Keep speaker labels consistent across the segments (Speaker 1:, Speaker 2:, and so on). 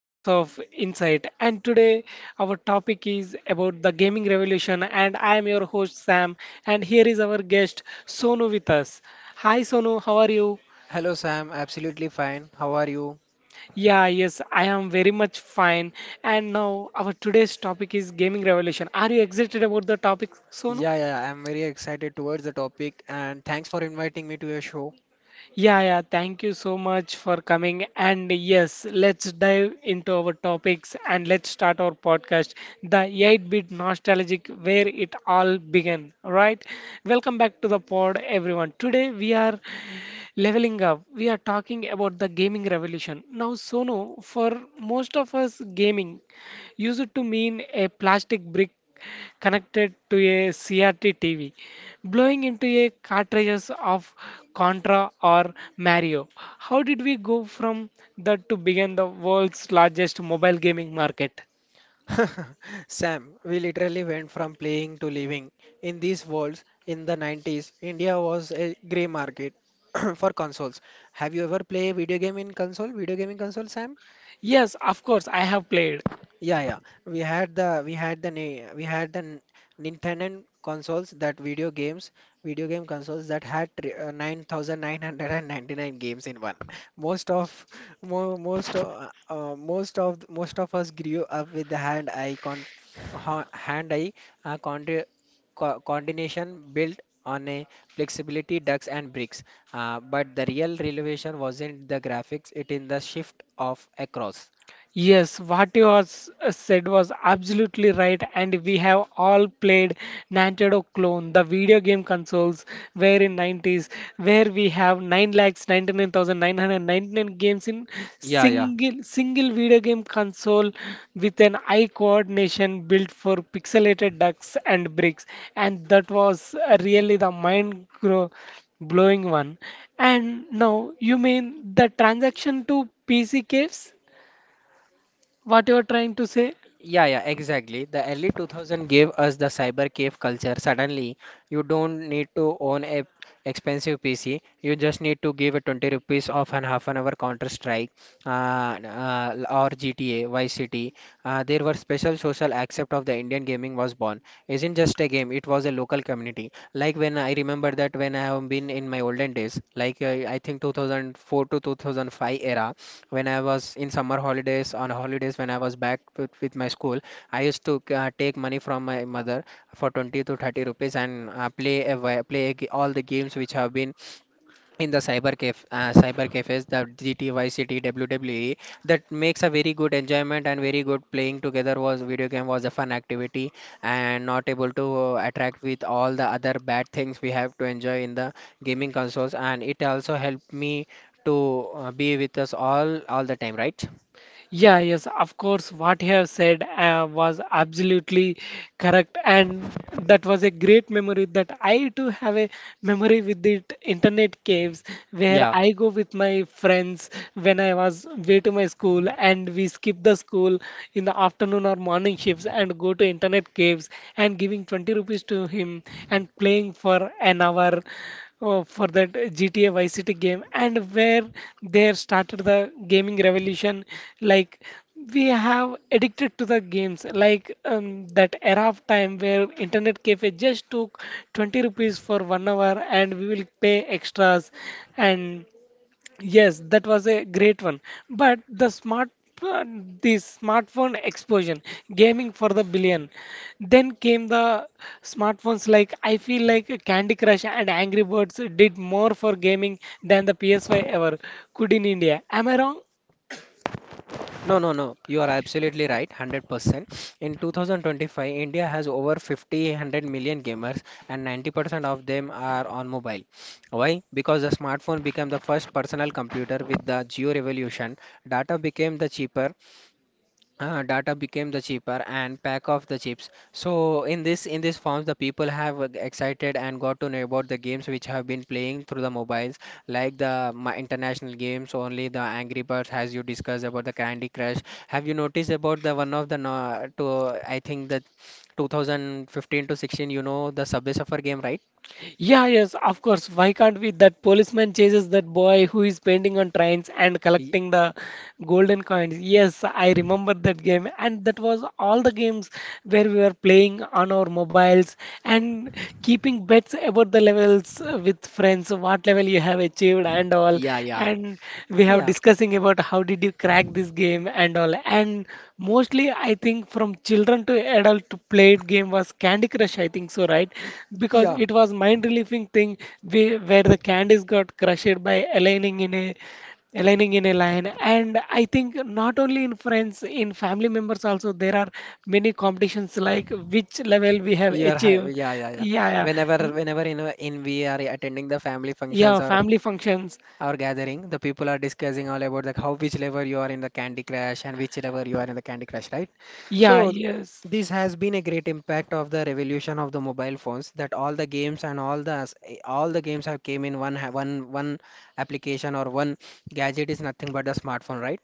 Speaker 1: Echoes of Insight. And today our topic is about the gaming revolution. And I am your host Sam. And here is our guest Sonu with us. Hi Sonu, how are you?
Speaker 2: Hello Sam, absolutely fine. How are you?
Speaker 1: Yeah, yes, I am very much fine. And now our today's topic is gaming revolution. Are you excited about the topic, Sonu?
Speaker 2: Yeah, yeah, I'm very excited towards the topic, and thanks for inviting me to your show.
Speaker 1: Yeah, thank you so much for coming. And yes, let's dive into our topics and let's start our podcast, the 8-Bit Nostalgic, where it all began, right? Welcome back to the pod, everyone. Today we are leveling up, we are talking about the gaming revolution. Now, Sonu, for most of us, gaming used to mean a plastic brick connected to a CRT TV, blowing into a cartridges of Contra or Mario. How did we go from that to begin the world's largest mobile gaming market?
Speaker 2: Sam, we literally went from playing to living. In these worlds, in the 90s, India was a grey market for consoles. Have you ever played a video game in console? Video gaming console, Sam?
Speaker 1: Yes, of course, I have played.
Speaker 2: Yeah, yeah. We had the Nintendo consoles that video games, video game consoles that had 9,999 games in one. Most of most of us grew up with the hand eye con co coordination built on a flexibility ducks and bricks. But the real revelation wasn't the graphics, it in the shift of across.
Speaker 1: Yes, what you was said was absolutely right, and we have all played Nintendo clone, the video game consoles, where in 90s, where we have 9 lakhs 99,999 games in
Speaker 2: Yeah, yeah.
Speaker 1: single video game console with an eye coordination built for pixelated ducks and bricks, and that was really the mind grow blowing one. And now you mean the transaction to PC caves? What you're trying to say?
Speaker 2: Yeah, yeah, exactly. The early 2000 gave us the cyber cave culture. Suddenly, you don't need to own a expensive PC. You just need to give a 20 rupees of an half an hour Counter Strike or GTA Vice City. There were special social accept of the Indian gaming was born. Isn't just a game. It was a local community. Like when I remember that when I have been in my olden days, I think 2004 to 2005 era when I was in summer holidays, on holidays when I was back with my school, I used to take money from my mother for 20 to 30 rupees and play a, wa- play a, ga- all the games which have been in the cyber cafes, the gty city wwe, that makes a very good enjoyment and very good playing together. Was video game was a fun activity and not able to attract with all the other bad things we have to enjoy in the gaming consoles, and it also helped me to be with us all the time, right?
Speaker 1: Yeah, yes, of course, what you have said was absolutely correct, and that was a great memory that I too have a memory with the internet caves where
Speaker 2: Yeah.
Speaker 1: I go with my friends when I was way to my school and we skip the school in the afternoon or morning shifts and go to internet caves and giving 20 rupees to him and playing for an hour oh, for that GTA Vice City game, and where they started the gaming revolution. Like we have addicted to the games, that era of time where internet cafe just took 20 rupees for 1 hour, and we will pay extras. And Yes, that was a great one. But the smart uh, the smartphone explosion, gaming for the billion. Then came the smartphones. Like I feel like Candy Crush and Angry Birds did more for gaming than the PS5 ever could in India. Am I wrong?
Speaker 2: No, no, no. You are absolutely right, 100%. In 2025, India has over 50, 100 million gamers, and 90% of them are on mobile. Why? Because the smartphone became the first personal computer with the geo revolution. Data became the cheaper data became the cheaper and pack of the chips. So in this forms, the people have excited and got to know about the games which have been playing through the mobiles, like the my international games. Only the Angry Birds, as you discussed about the Candy Crush. Have you noticed about the one of the no, to I think the 2015 to 16? You know the Subway Surfer game, right?
Speaker 1: Yeah, yes, of course. Why can't we? That policeman chases that boy who is painting on trains and
Speaker 2: Y-
Speaker 1: collecting the golden coins. Yes, I remember that game, and that was all the games where we were playing on our mobiles and keeping bets about the levels with friends. What level well you have achieved and all.
Speaker 2: yeah, yeah,
Speaker 1: And we have
Speaker 2: yeah,
Speaker 1: discussing about how did you crack this game and all. And mostly I think from children to adult to played game was Candy Crush, I think so, right? Because
Speaker 2: yeah.
Speaker 1: it was mind relieving thing. We, where the candies got crushed by aligning in a aligning in a line. And I think not only in friends, in family members also, there are many competitions like which level we have achieved.
Speaker 2: Yeah, yeah, yeah.
Speaker 1: Yeah,
Speaker 2: Whenever
Speaker 1: yeah.
Speaker 2: whenever in we are attending the family
Speaker 1: Yeah,
Speaker 2: functions or
Speaker 1: family functions.
Speaker 2: our gathering, the people are discussing all about like how which level you are in the Candy Crush and which level you are in the Candy Crush, right?
Speaker 1: Yeah,
Speaker 2: So
Speaker 1: yes.
Speaker 2: this has been a great impact of the revolution of the mobile phones, that all the games and all the s- all the games have came in one application or one gadget, is nothing but a smartphone, right?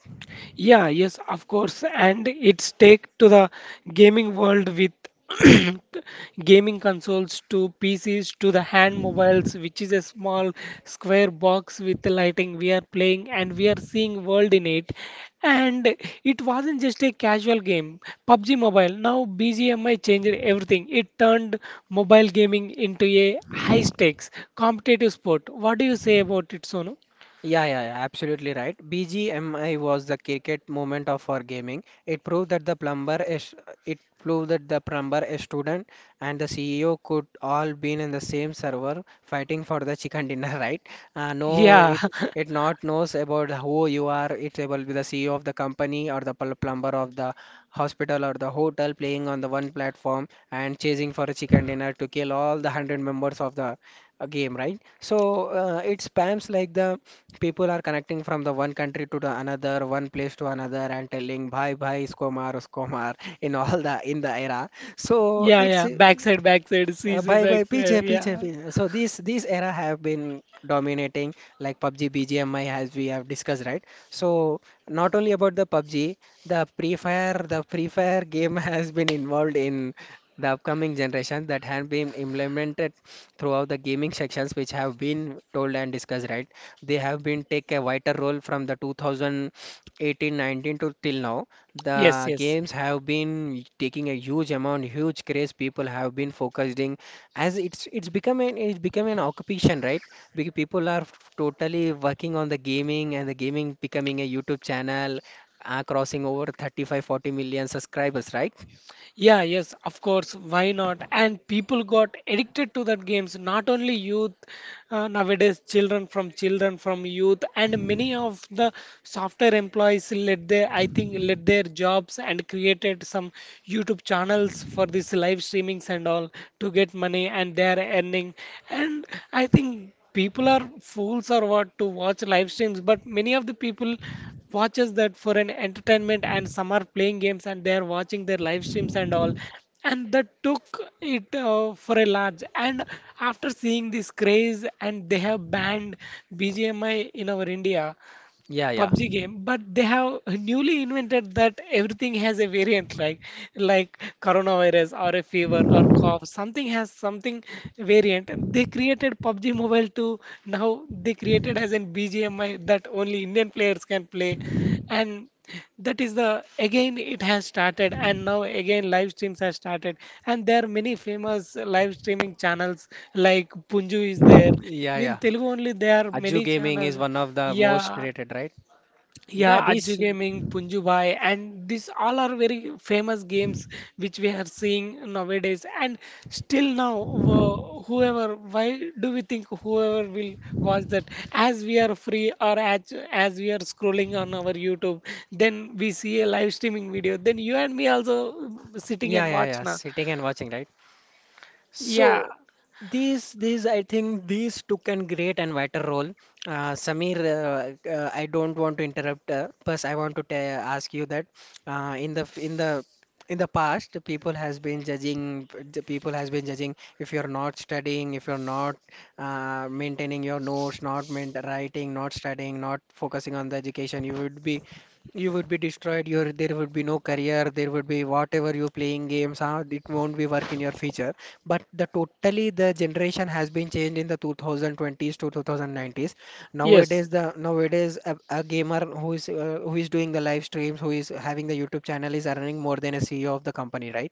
Speaker 1: Yeah, yes, of course. And it's take to the gaming world with gaming consoles to PCs to the hand mobiles, which is a small square box with the lighting we are playing and we are seeing world in it. And it wasn't just a casual game. PUBG Mobile, now BGMI, changed everything. It turned mobile gaming into a high stakes competitive sport. What do you say about it, Sonu?
Speaker 2: Yeah, yeah, yeah, absolutely right. BGMI was the cricket moment of our gaming. It proved that the plumber, a student, and the CEO could all be in the same server fighting for the chicken dinner, right? Uh, no,
Speaker 1: Yeah.
Speaker 2: it it not knows about who you are. It will be the CEO of the company or the plumber of the hospital or the hotel, playing on the one platform and chasing for a chicken dinner to kill all the hundred members of the a game, right? So it spams like the people are connecting from the one country to the another, one place to another, and telling bye bye, Skomar, Skomar in all the era. So
Speaker 1: Yeah,
Speaker 2: it's
Speaker 1: yeah. Backside, backside, CC
Speaker 2: bye, by
Speaker 1: backside.
Speaker 2: PJ PJ
Speaker 1: Yeah.
Speaker 2: PJ. So these era have been dominating, like PUBG BGMI, as we have discussed, right? So not only about the PUBG, the Free Fire game has been involved in the upcoming generation that have been implemented throughout the gaming sections which have been told and discussed, right? They have been take a vital role from the 2018-19 to till now.
Speaker 1: Yes,
Speaker 2: The
Speaker 1: yes.
Speaker 2: games have been taking a huge amount, huge craze. People have been focusing as it's become an occupation, right? Because people are totally working on the gaming, and the gaming becoming a YouTube channel, crossing over 35, 40 million subscribers, right?
Speaker 1: Yeah, yes, of course. Why not? And people got addicted to that games, not only youth, nowadays children from youth, and many of the software employees let their, I think let their jobs and created some YouTube channels for this live streamings and all to get money, and they are earning. And I think people are fools or what to watch live streams, but many of the people watches that for an entertainment, and some are playing games and they are watching their live streams and all. And that took it for a large. And after seeing this craze, and they have banned BGMI in our India
Speaker 2: Yeah, yeah.
Speaker 1: PUBG game, but they have newly invented that everything has a variant, like coronavirus or a fever or cough. Something has something variant. They created PUBG Mobile to Now they created as an BGMI that only Indian players can play, and that is the again it has started, and now again live streams have started, and there are many famous live streaming channels like Punju is there.
Speaker 2: Yeah,
Speaker 1: In
Speaker 2: yeah.
Speaker 1: Telugu only there are
Speaker 2: Ajju
Speaker 1: many
Speaker 2: Gaming
Speaker 1: channels.
Speaker 2: is one of the most
Speaker 1: Yeah,
Speaker 2: rated, right? Yeah,
Speaker 1: yeah,
Speaker 2: this.
Speaker 1: Ajju Gaming, Punju Bhai, and these all are very famous games which we are seeing nowadays. And still now, whoever, why do we think whoever will watch that? As we are free or as we are scrolling on our YouTube, then we see a live streaming video. Then you and me also sitting
Speaker 2: Yeah,
Speaker 1: and
Speaker 2: yeah,
Speaker 1: watch
Speaker 2: yeah.
Speaker 1: now.
Speaker 2: Sitting and watching, right?
Speaker 1: Yeah,
Speaker 2: So I think these took a great and vital role. Samir, I don't want to interrupt. First, I want to ta ask you that in the f- in the past, people has been judging. The people has been judging, if you're not studying, if you're not maintaining your notes, not main writing, not studying, not focusing on the education, you would be. You would be destroyed. Your there would be no career. There would be whatever you playing games. Huh? It won't be work in your future. But the totally the generation has been changed in the 2020s to 2090s.
Speaker 1: yes.
Speaker 2: Nowadays, a gamer who is doing the live streams, who is having the YouTube channel, is earning more than a CEO of the company, right?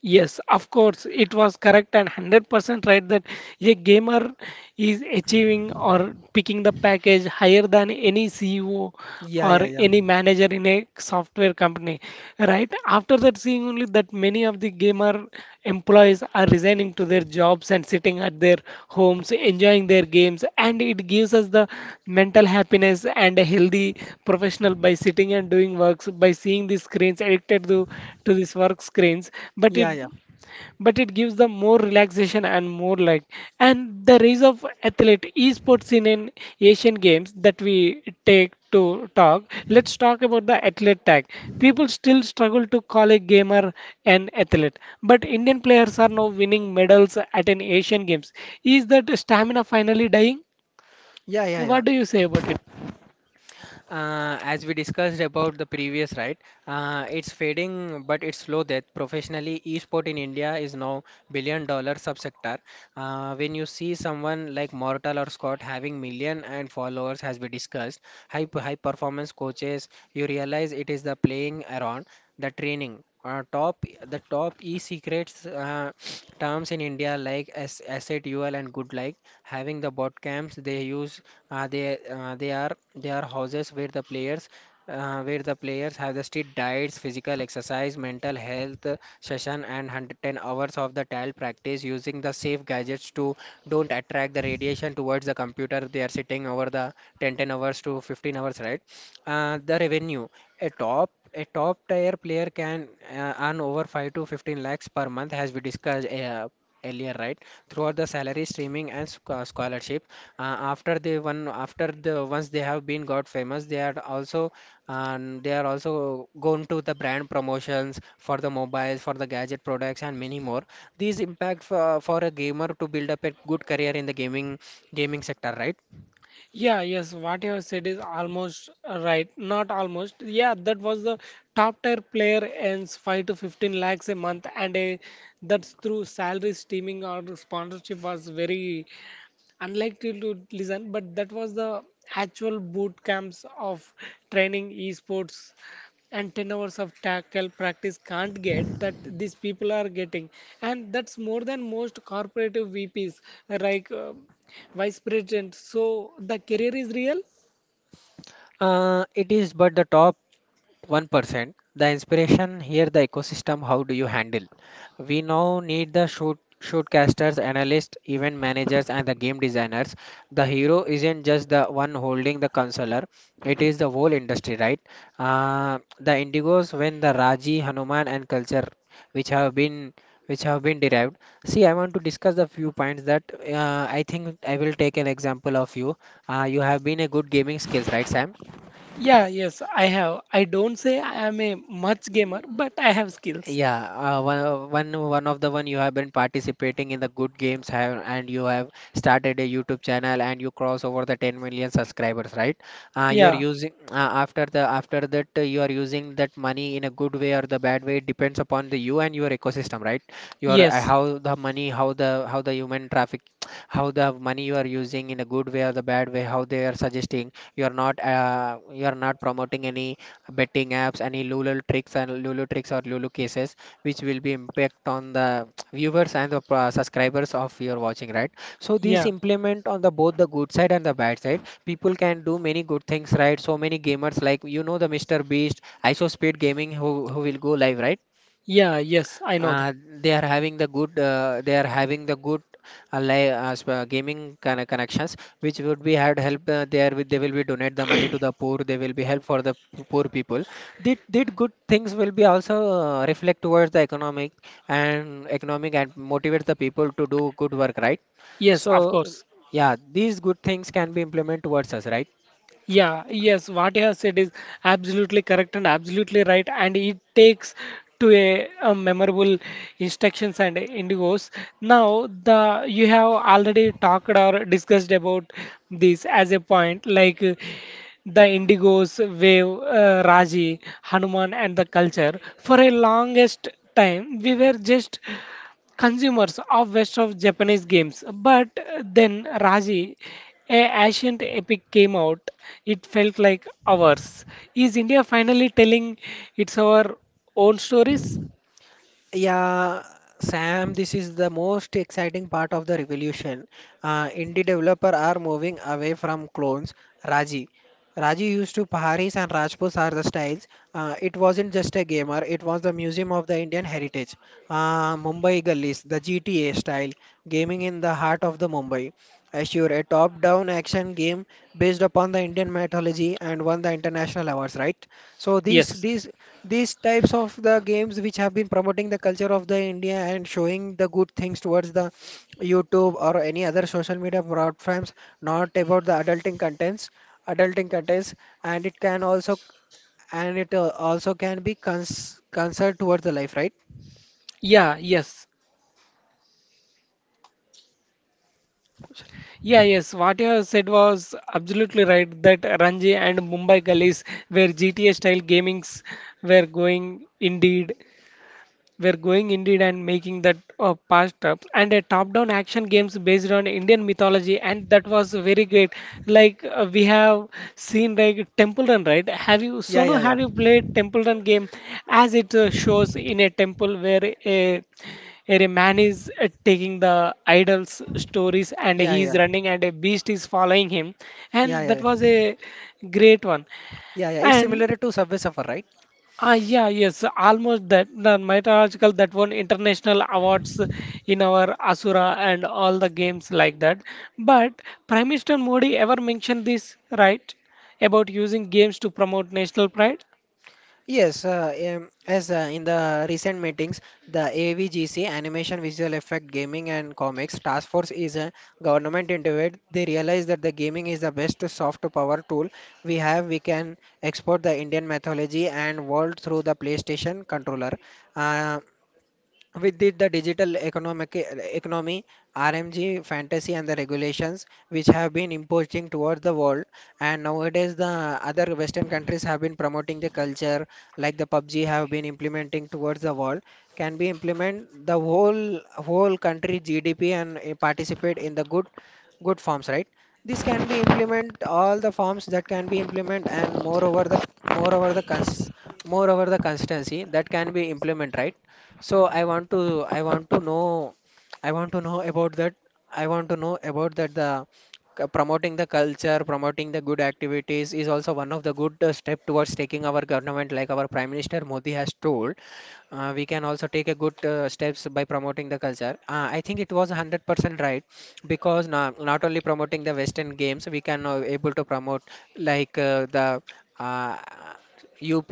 Speaker 1: Yes, of course, it was correct and 100% right that a gamer is achieving or picking the package higher than any CEO
Speaker 2: Yeah,
Speaker 1: or
Speaker 2: yeah, yeah,
Speaker 1: any manager in a software company, right? After that, seeing only that, many of the gamers farmer employees are resigning to their jobs and sitting at their homes enjoying their games, and it gives us the mental happiness and a healthy professional by sitting and doing works, by seeing these screens addicted to these work screens. but it
Speaker 2: yeah, yeah,
Speaker 1: but it gives them more relaxation and more like. And the rise of athlete esports in an Asian Games, that we take to talk. Let's talk about the athlete tag. People still struggle to call a gamer an athlete, but Indian players are now winning medals at an Asian Games. Is that stamina finally dying?
Speaker 2: yeah, yeah,
Speaker 1: What
Speaker 2: yeah.
Speaker 1: do you say about it?
Speaker 2: As we discussed about the previous, right? It's fading, but it's slow death. Professionally, esport in India is now billion dollar subsector. When you see someone like Mortal or Scott having million and followers, as we discussed, high performance coaches, you realize it is the playing around the training. Top The top e-secrets terms in India, like S SATUL and good, like having the bot camps they are houses where the players have the strict diets, physical exercise, mental health session, and 110 hours of the tile practice, using the safe gadgets to don't attract the radiation towards the computer. They are sitting over the 10, 10 hours to 15 hours, right? The revenue. A top tier player can earn over 5 to 15 lakhs per month, as we discussed earlier, right? Throughout the salary, streaming, and scholarship. After the once they have been got famous, they are also going to the brand promotions, for the mobiles, for the gadget products, and many more. These impact for a gamer to build up a good career in the gaming sector, right?
Speaker 1: Yeah, yes, what you have said is almost right. Not almost. Yeah, that was the top tier player earns 5 to 15 lakhs a month, and a, that's through salary, streaming, or sponsorship, was very unlikely to listen, but that was the actual boot camps of training esports, and 10 hours of tackle practice can't get that these people are getting, and that's more than most corporative VPs, like vice president. So the career is real.
Speaker 2: It is, but the top 1%. The inspiration here, the ecosystem, how do you handle? We now need the shootcasters, analysts, event managers, and the game designers. The hero isn't just the one holding the consoler, it is the whole industry, right? The indigos, when the Raji, Hanuman, and culture, which have been which have been derived. See, I want to discuss the few points that I think I will take an example of you. You have been a good gaming skills, right, Sam?
Speaker 1: Yeah, yes, I have. I don't say I am a much gamer, but I have skills.
Speaker 2: Yeah, one of the one you have been participating in the good games have, and you have started a YouTube channel and you cross over the 10 million subscribers, right? You are
Speaker 1: Yeah,
Speaker 2: using after the after that you are using that money in a good way or the bad way, it depends upon the you and your ecosystem, right? Your
Speaker 1: yes.
Speaker 2: How the money, how the human traffic, how the money you are using in a good way or the bad way, how they are suggesting you are not promoting any betting apps, any Lulu tricks or Lulu cases, which will be impact on the viewers and the subscribers of your watching, right? So these
Speaker 1: Yeah,
Speaker 2: implement on the both the good side and the bad side. People can do many good things, right? So many gamers, like the Mr. Beast, ISO Speed Gaming, who will go live, right?
Speaker 1: yeah, yes, I know that.
Speaker 2: uh, they are having the good gaming connections which would be had help there with they will be donate the money to the poor. They will be help for the poor people. Did good things will be also reflect towards the economic and economic and motivate the people to do good work, right?
Speaker 1: Yes,
Speaker 2: So
Speaker 1: of course.
Speaker 2: yeah, these good things can be implemented towards us, right?
Speaker 1: Yeah, yes, what you have said is absolutely correct and absolutely right, and it takes to a memorable instructions and indigos. Now, the you have already talked or discussed about this as a point, the indigos wave, Raji, Hanuman, and the culture. For a longest time, we were just consumers of west of Japanese games. But then Raji, a ancient epic came out. It felt like ours. Is India finally telling its our own stories?
Speaker 2: Yeah, Sam, this is the most exciting part of the revolution. Indie developer are moving away from clones. Raji. Raji used to Paharis and Rajputs are the styles. It wasn't just a gamer, it was the Museum of the Indian Heritage. Mumbai Gullies, the GTA style, gaming in the heart of the Mumbai. Assure, a top-down action game based upon the Indian mythology and won the international awards, right? So these
Speaker 1: Yes.
Speaker 2: these these types of the games which have been promoting the culture of the India and showing the good things towards the YouTube or any other social media platforms, not about the adulting contents, and it can also and it also can be cons concerned towards the life, right?
Speaker 1: Yeah, yes. Yeah, yes. What you have said was absolutely right, that Ranji and Mumbai gullies where GTA style gamings were going indeed. We're going indeed and making that past up, and a top-down action games based on Indian mythology, and that was very great. We have seen like Temple Run, right? Have you,
Speaker 2: Yeah,
Speaker 1: Sonu,
Speaker 2: yeah, yeah,
Speaker 1: have you played Temple Run game, as it shows in a temple where a man is taking the idol's stories and
Speaker 2: yeah, yeah,
Speaker 1: he is
Speaker 2: yeah,
Speaker 1: running and a beast is following him,
Speaker 2: yeah,
Speaker 1: and that was
Speaker 2: yeah,
Speaker 1: a great one.
Speaker 2: yeah, yeah. It's
Speaker 1: And
Speaker 2: similar to Subway Surfer, right?
Speaker 1: ah, yeah, yes, almost that. The mythological that won international awards in our Asura and all the games like that. But Prime Minister Modi ever mentioned this, right? About using games to promote national pride?
Speaker 2: Yes, as in the recent meetings, the AVGC Animation Visual Effect Gaming and Comics Task Force is a government entity. They realize that the gaming is the best soft power tool we have. We can export the Indian mythology and world through the PlayStation controller. Uh, with the digital economic economy, RMG, fantasy, and the regulations which have been imposing towards the world, and nowadays the other Western countries have been promoting the culture like the PUBG have been implementing towards the world, can be implement the whole country GDP and participate in the good forms, right? This can be implement all the forms that can be implement, and moreover the cons moreover the consistency that can be implement, right? So I want to know about that. I want to know about that the promoting the culture, promoting the good activities is also one of the good step towards taking our government like our Prime Minister Modi has told. We can also take a good steps by promoting the culture. I think it was 100% right because not only promoting the Western games, we can able to promote like the uh, UP,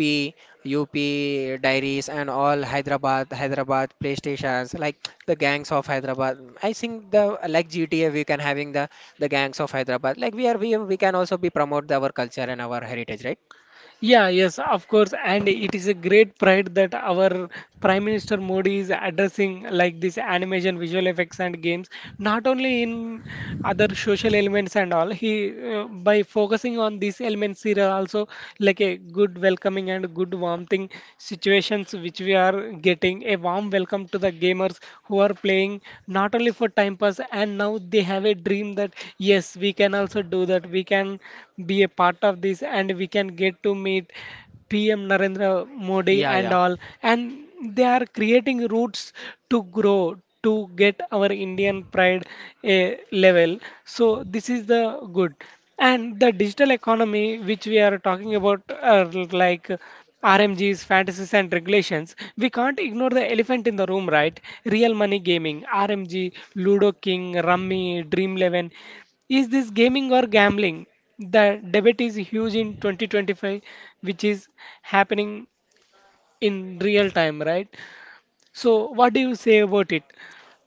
Speaker 2: UP Diaries and all Hyderabad PlayStations, like the gangs of Hyderabad. I think the like GTA we can having the gangs of Hyderabad. Like we can also be promote our culture and our heritage, right?
Speaker 1: Yeah, yes, of course, and it is a great pride that our Prime Minister Modi is addressing like this animation, visual effects, and games. Not only in other social elements and all, he by focusing on these elements, he are also like a good welcoming and good warming situations, which we are getting a warm welcome to the gamers who are playing not only for time pass. And now they have a dream that yes, we can also do that. We can be a part of this and we can get to meet PM Narendra Modi
Speaker 2: Yeah,
Speaker 1: and
Speaker 2: yeah.
Speaker 1: all. And they are creating routes to grow, to get our Indian pride eh, level. So this is the good. And the digital economy, which we are talking about, are like RMGs, fantasies, and regulations, we can't ignore the elephant in the room, right? Real money gaming, RMG, Ludo King, Rummy, Dream 11. Is this gaming or gambling? The debate is huge in 2025, which is happening in real time, right? So, what do you say about it?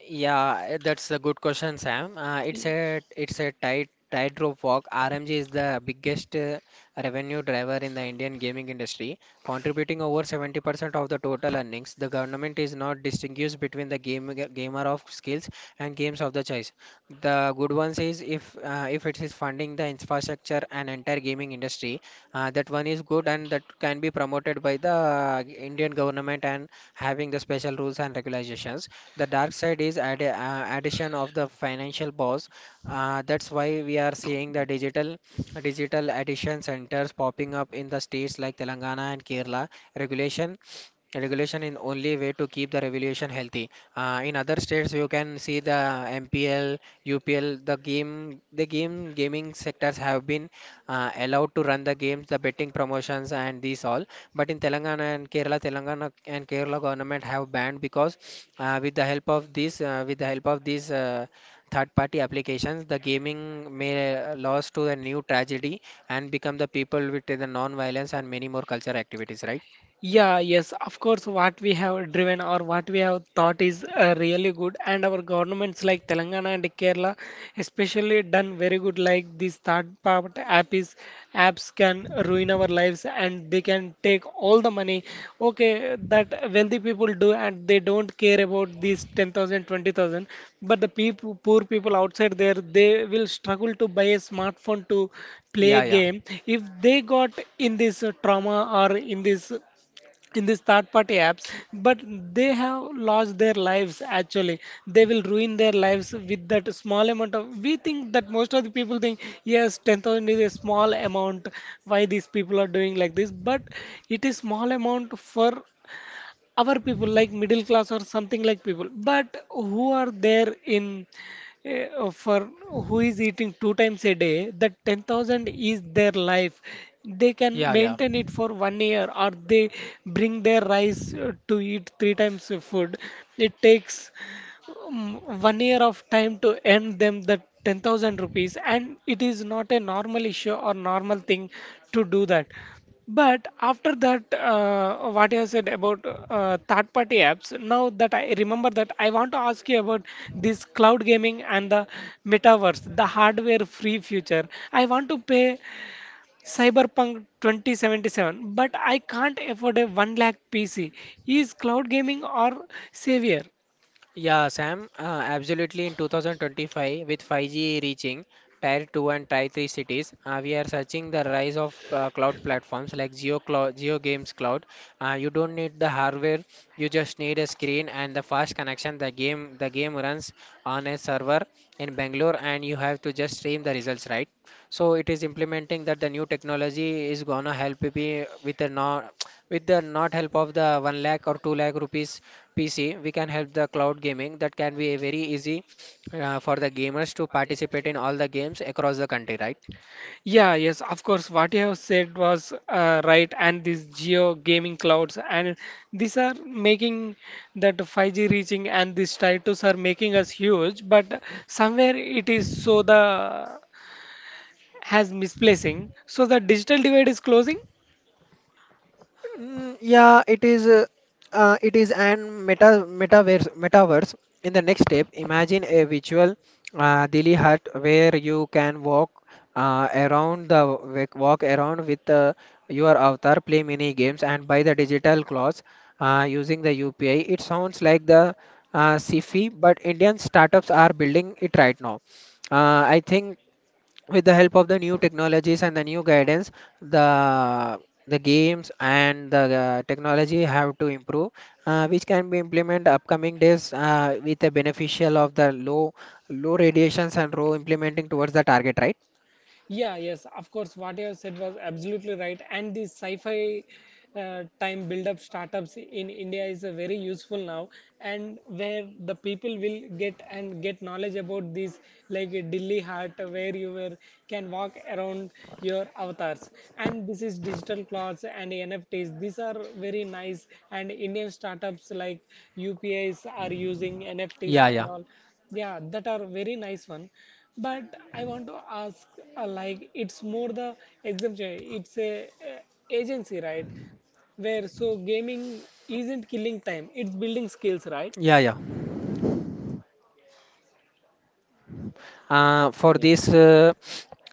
Speaker 2: Yeah, eh, that's a good question, Sam. It's a tight tightrope walk. RMG is the biggest revenue driver in the Indian gaming industry, contributing over 70% of the total earnings. The government is not distinguished between the game, gamer of skills and games of the choice. The good one is if it is funding the infrastructure and entire gaming industry, that one is good and that can be promoted by the Indian government and having the special rules and regulations. The dark side is addition of the financial pause. That's why we are seeing the digital addition centers popping up in the states like Telangana and Kerala. Regulation Regulation in only way to keep the revolution healthy. In other states, you can see the MPL, UPL, the game gaming sectors have been allowed to run the games, the betting promotions, and these all. But in Telangana and Kerala government have banned because with the help of these third-party applications, the gaming may lost to a new tragedy and become the people with the non-violence and many more cultural activities, right?
Speaker 1: Yeah, yes, of course, what we have driven or what we have thought is really good, and our governments like Telangana and Kerala, especially done very good. Like these third part app is, apps can ruin our lives, and they can take all the money. Okay, that wealthy people do, and they don't care about these 10,000 twenty thousand. But the people, poor people outside there, they will struggle to buy a smartphone to play a
Speaker 2: Yeah, yeah,
Speaker 1: game if they got in this trauma, or in this in these third party apps, but they have lost their lives actually. They will ruin their lives with that small amount of, we think, that most of the people think, yes, 10,000 is a small amount. Why these people are doing like this? But it is small amount for our people like middle class or something like people, but who are there in, for who is eating two times a day, that 10,000 is their life. They can
Speaker 2: yeah, yeah.
Speaker 1: maintain it for one year, or they bring their rice to eat three times of food. It takes um, one year of time to earn them that 10,000 rupees, and it is not a normal issue or normal thing to do that. But after that, what you have said about third-party apps, now that I remember that, I want to ask you about this cloud gaming and the metaverse, the hardware-free future. I want to pay Cyberpunk 2077, but I can't afford a 1 lakh PC. Is cloud gaming or savior?
Speaker 2: Yeah, Sam, absolutely. In 2025, with 5G reaching Tier 2 and Tier 3 cities, we are searching the rise of cloud platforms like Geo Cloud, Geo Games Cloud. You don't need the hardware; you just need a screen and the fast connection. The game runs on a server in Bangalore, and you have to just stream the results, right? So it is implementing that the new technology is gonna help be with the not help of the one lakh or two lakh rupees PC. We can help the cloud gaming that can be a very easy for the gamers to participate in all the games across the country, right?
Speaker 1: Yeah, yes, of course. What you have said was right, and these geo gaming clouds, and these are making that 5G reaching and these titles are making us huge, but somewhere it is so the has misplacing. So the digital divide is closing.
Speaker 2: Mm, yeah, it is. It is an metaverse. In the next step, imagine a virtual Delhi hut where you can walk uh, around the walk around with your avatar, play mini games, and buy the digital clothes using the UPI. It sounds like the sci-fi, but Indian startups are building it right now. I think with the help of the new technologies and the new guidance the the games and the technology have to improve, which can be implemented upcoming days with the beneficial of the low radiations and low implementing towards the target, right?
Speaker 1: Yeah, yes, of course. What you have said was absolutely right, and this sci-fi time build up startups in India is very useful now, and where the people will get and get knowledge about these, like Delhi Heart, where you were, can walk around your avatars, and this is digital clothes and NFTs. These are very nice, and Indian startups like UPIs are using NFTs
Speaker 2: Yeah,
Speaker 1: and
Speaker 2: yeah,
Speaker 1: all. Yeah, that are very nice one, but I want to ask, like it's more the exemption, it's a agency, right? Where so gaming isn't killing time, it's building skills, right?
Speaker 2: yeah, yeah. Uh, for
Speaker 1: Yeah.
Speaker 2: this, uh,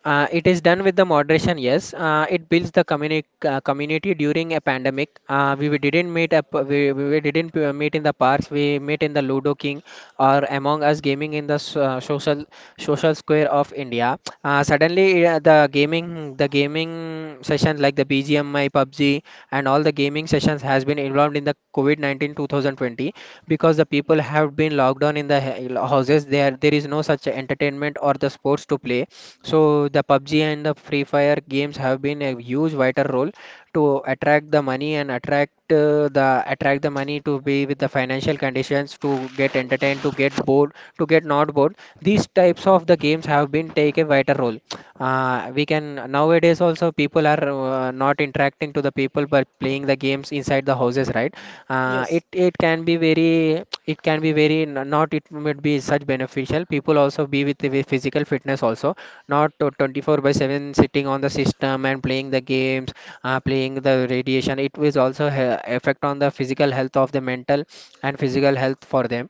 Speaker 2: it is done with the moderation. Yes, it builds the community during a pandemic. We didn't meet up. We didn't meet in the parks. We meet in the Ludo King or Among Us gaming in the social square of India. The gaming sessions like the BGMI, PUBG and all the gaming sessions has been involved in the COVID-19 2020 because the people have been locked down in the houses. There is no such entertainment or the sports to play, so the PUBG and the Free Fire games have been a huge vital role to attract the money and attract the attract the money to be with the financial conditions, to get entertained, to get bored, to get not bored. These types of the games have been take a vital role. We can nowadays also people are not interacting to the people but playing the games inside the houses, right?
Speaker 1: Yes,
Speaker 2: It can be very n- not it might be such beneficial people also be with physical fitness also, not to 24 by 7 sitting on the system and playing the games. Playing the radiation it was also effect on the physical health, of the mental and physical health for them.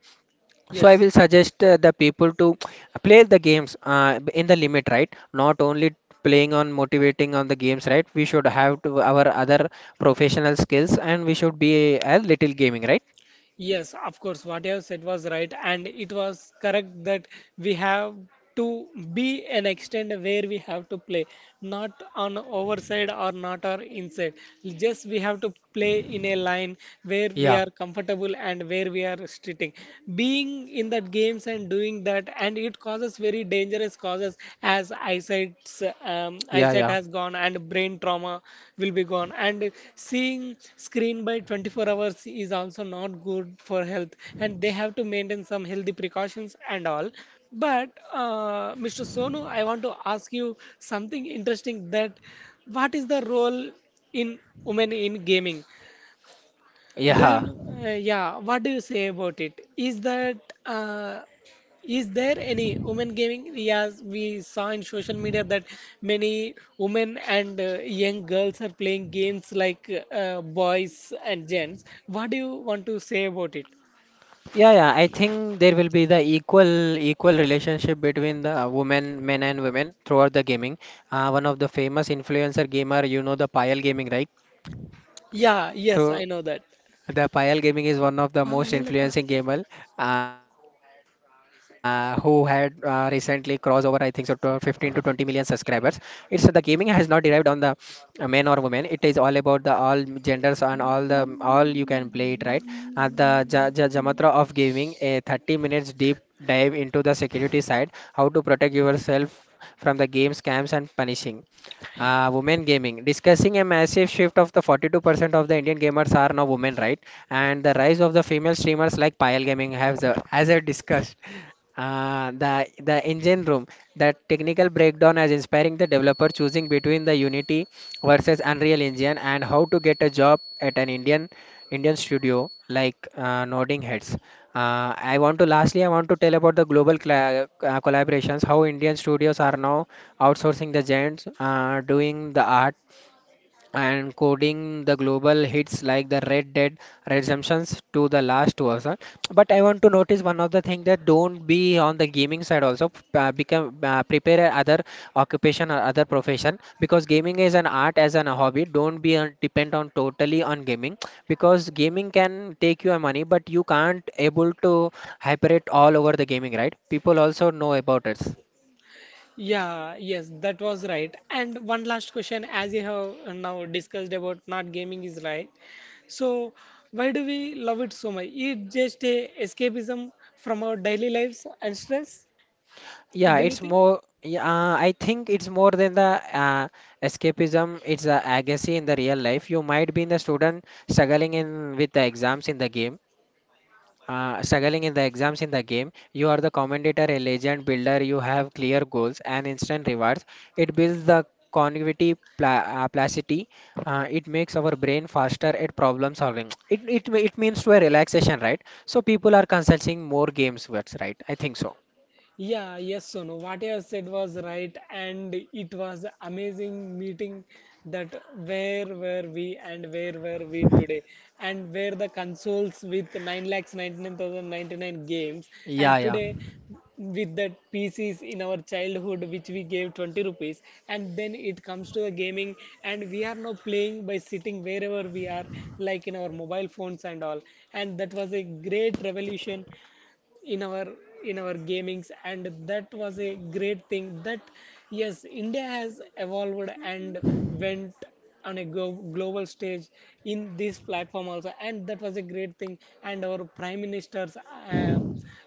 Speaker 2: So I
Speaker 1: yes,
Speaker 2: will suggest the people to play the games in the limit, right? Not only playing on motivating on the games, right? We should have to our other professional skills and we should be a little gaming, right?
Speaker 1: yes, of course, what you have said was right, and it was correct that we have to be an extent where we have to play, not on overside or not our inside. Just we have to play in a line where we
Speaker 2: Yeah,
Speaker 1: are comfortable and where we are sitting. Being in that games and doing that, and it causes very dangerous causes, as
Speaker 2: yeah,
Speaker 1: eyesight
Speaker 2: yeah.
Speaker 1: has gone, and brain trauma will be gone, and seeing screen by 24 hours is also not good for health, and they have to maintain some healthy precautions and all. But Mr. Sonu, I want to ask you something interesting, that what is the role in women in gaming, do you
Speaker 2: Yeah.
Speaker 1: know? Yeah. What do you say about it? Is that, uh, is there any women gaming? Yes, we saw in social media that many women and young girls are playing games like boys and gents. What do you want to say about it?
Speaker 2: Yeah, yeah. I think there will be the equal relationship between the men and women throughout the gaming. One of the famous influencer gamer, you know the Payal Gaming, right?
Speaker 1: Yeah. Yes,
Speaker 2: So
Speaker 1: I know that.
Speaker 2: the Payal Gaming is one of the most
Speaker 1: Payala,
Speaker 2: influencing
Speaker 1: payala.
Speaker 2: gamer who had recently crossed over, I think so, to 15 to 20 million subscribers. It's the gaming has not derived on the men or women. It is all about the all genders and all you can play it, right. At the Jamatra of gaming, a 30 minutes deep dive into the security side, how to protect yourself from the game scams and punishing. Women gaming. Discussing a massive shift of the 42% of the Indian gamers are now women, right? And the rise of the female streamers like Payal Gaming has, as I discussed. The engine room, that technical breakdown as inspiring the developer choosing between the Unity versus Unreal Engine and how to get a job at an Indian studio like Nodding Heads. I want to tell about the global cla collaborations, how Indian studios are now outsourcing the giants doing the art and coding the global hits like the Red Dead Redemptions to the last version. But I want to notice one of the thing that don't be on the gaming side also. Become prepare a other occupation or other profession because gaming is an art as an hobby. Don't be depend on totally on gaming because gaming can take your money, but you can't able to hyper it all over the gaming, right? People also know about it.
Speaker 1: Yeah, yes, that was right. And one last question, as you have now discussed about, not gaming is right. So, why do we love it so much? It just a escapism from our daily lives and stress,
Speaker 2: Yeah,
Speaker 1: do you
Speaker 2: it's
Speaker 1: think?
Speaker 2: more. Yeah, I think it's more than the escapism. It's a agency in the real life. You might be in the student struggling in with the exams in the game. Struggling in the exams in the game. You are the commentator, a legend builder. You have clear goals and instant rewards. It builds the cognitive plasticity. It makes our brain faster at problem solving. It means to a relaxation, right? So people are consulting more games. That's right. I think so.
Speaker 1: Yeah, yes, Sonu. What you have said was right, and it was amazing meeting, that where were we, and where were we today, and where the consoles with 9 lakhs 99,099 games,
Speaker 2: Yeah,
Speaker 1: and
Speaker 2: yeah.
Speaker 1: today with the PCs in our childhood which we gave 20 rupees, and then it comes to the gaming, and we are now playing by sitting wherever we are, like in our mobile phones and all, and that was a great revolution in our gamings, and that was a great thing, that yes, India has evolved and went on a global stage in this platform also, and that was a great thing, and our prime ministers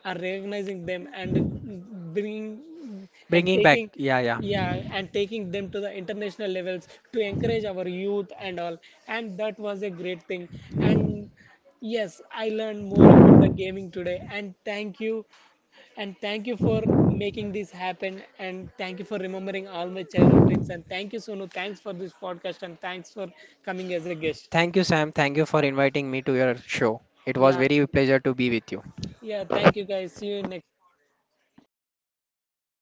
Speaker 1: are recognizing them and bringing and
Speaker 2: Bringing back,
Speaker 1: taking,
Speaker 2: yeah, yeah.
Speaker 1: yeah, and taking them to the international levels to encourage our youth and all, and that was a great thing, and yes, I learned more about the gaming today, and thank you, and thank you for making this happen, and thank you for remembering all my childhood dreams, and thank you Sonu, thanks for this podcast, and thanks for coming as a guest.
Speaker 2: Thank you, Sam. Thank you for inviting me to your show. It was
Speaker 1: Yeah.
Speaker 2: very pleasure to be with you.
Speaker 1: Yeah, thank you guys. See you next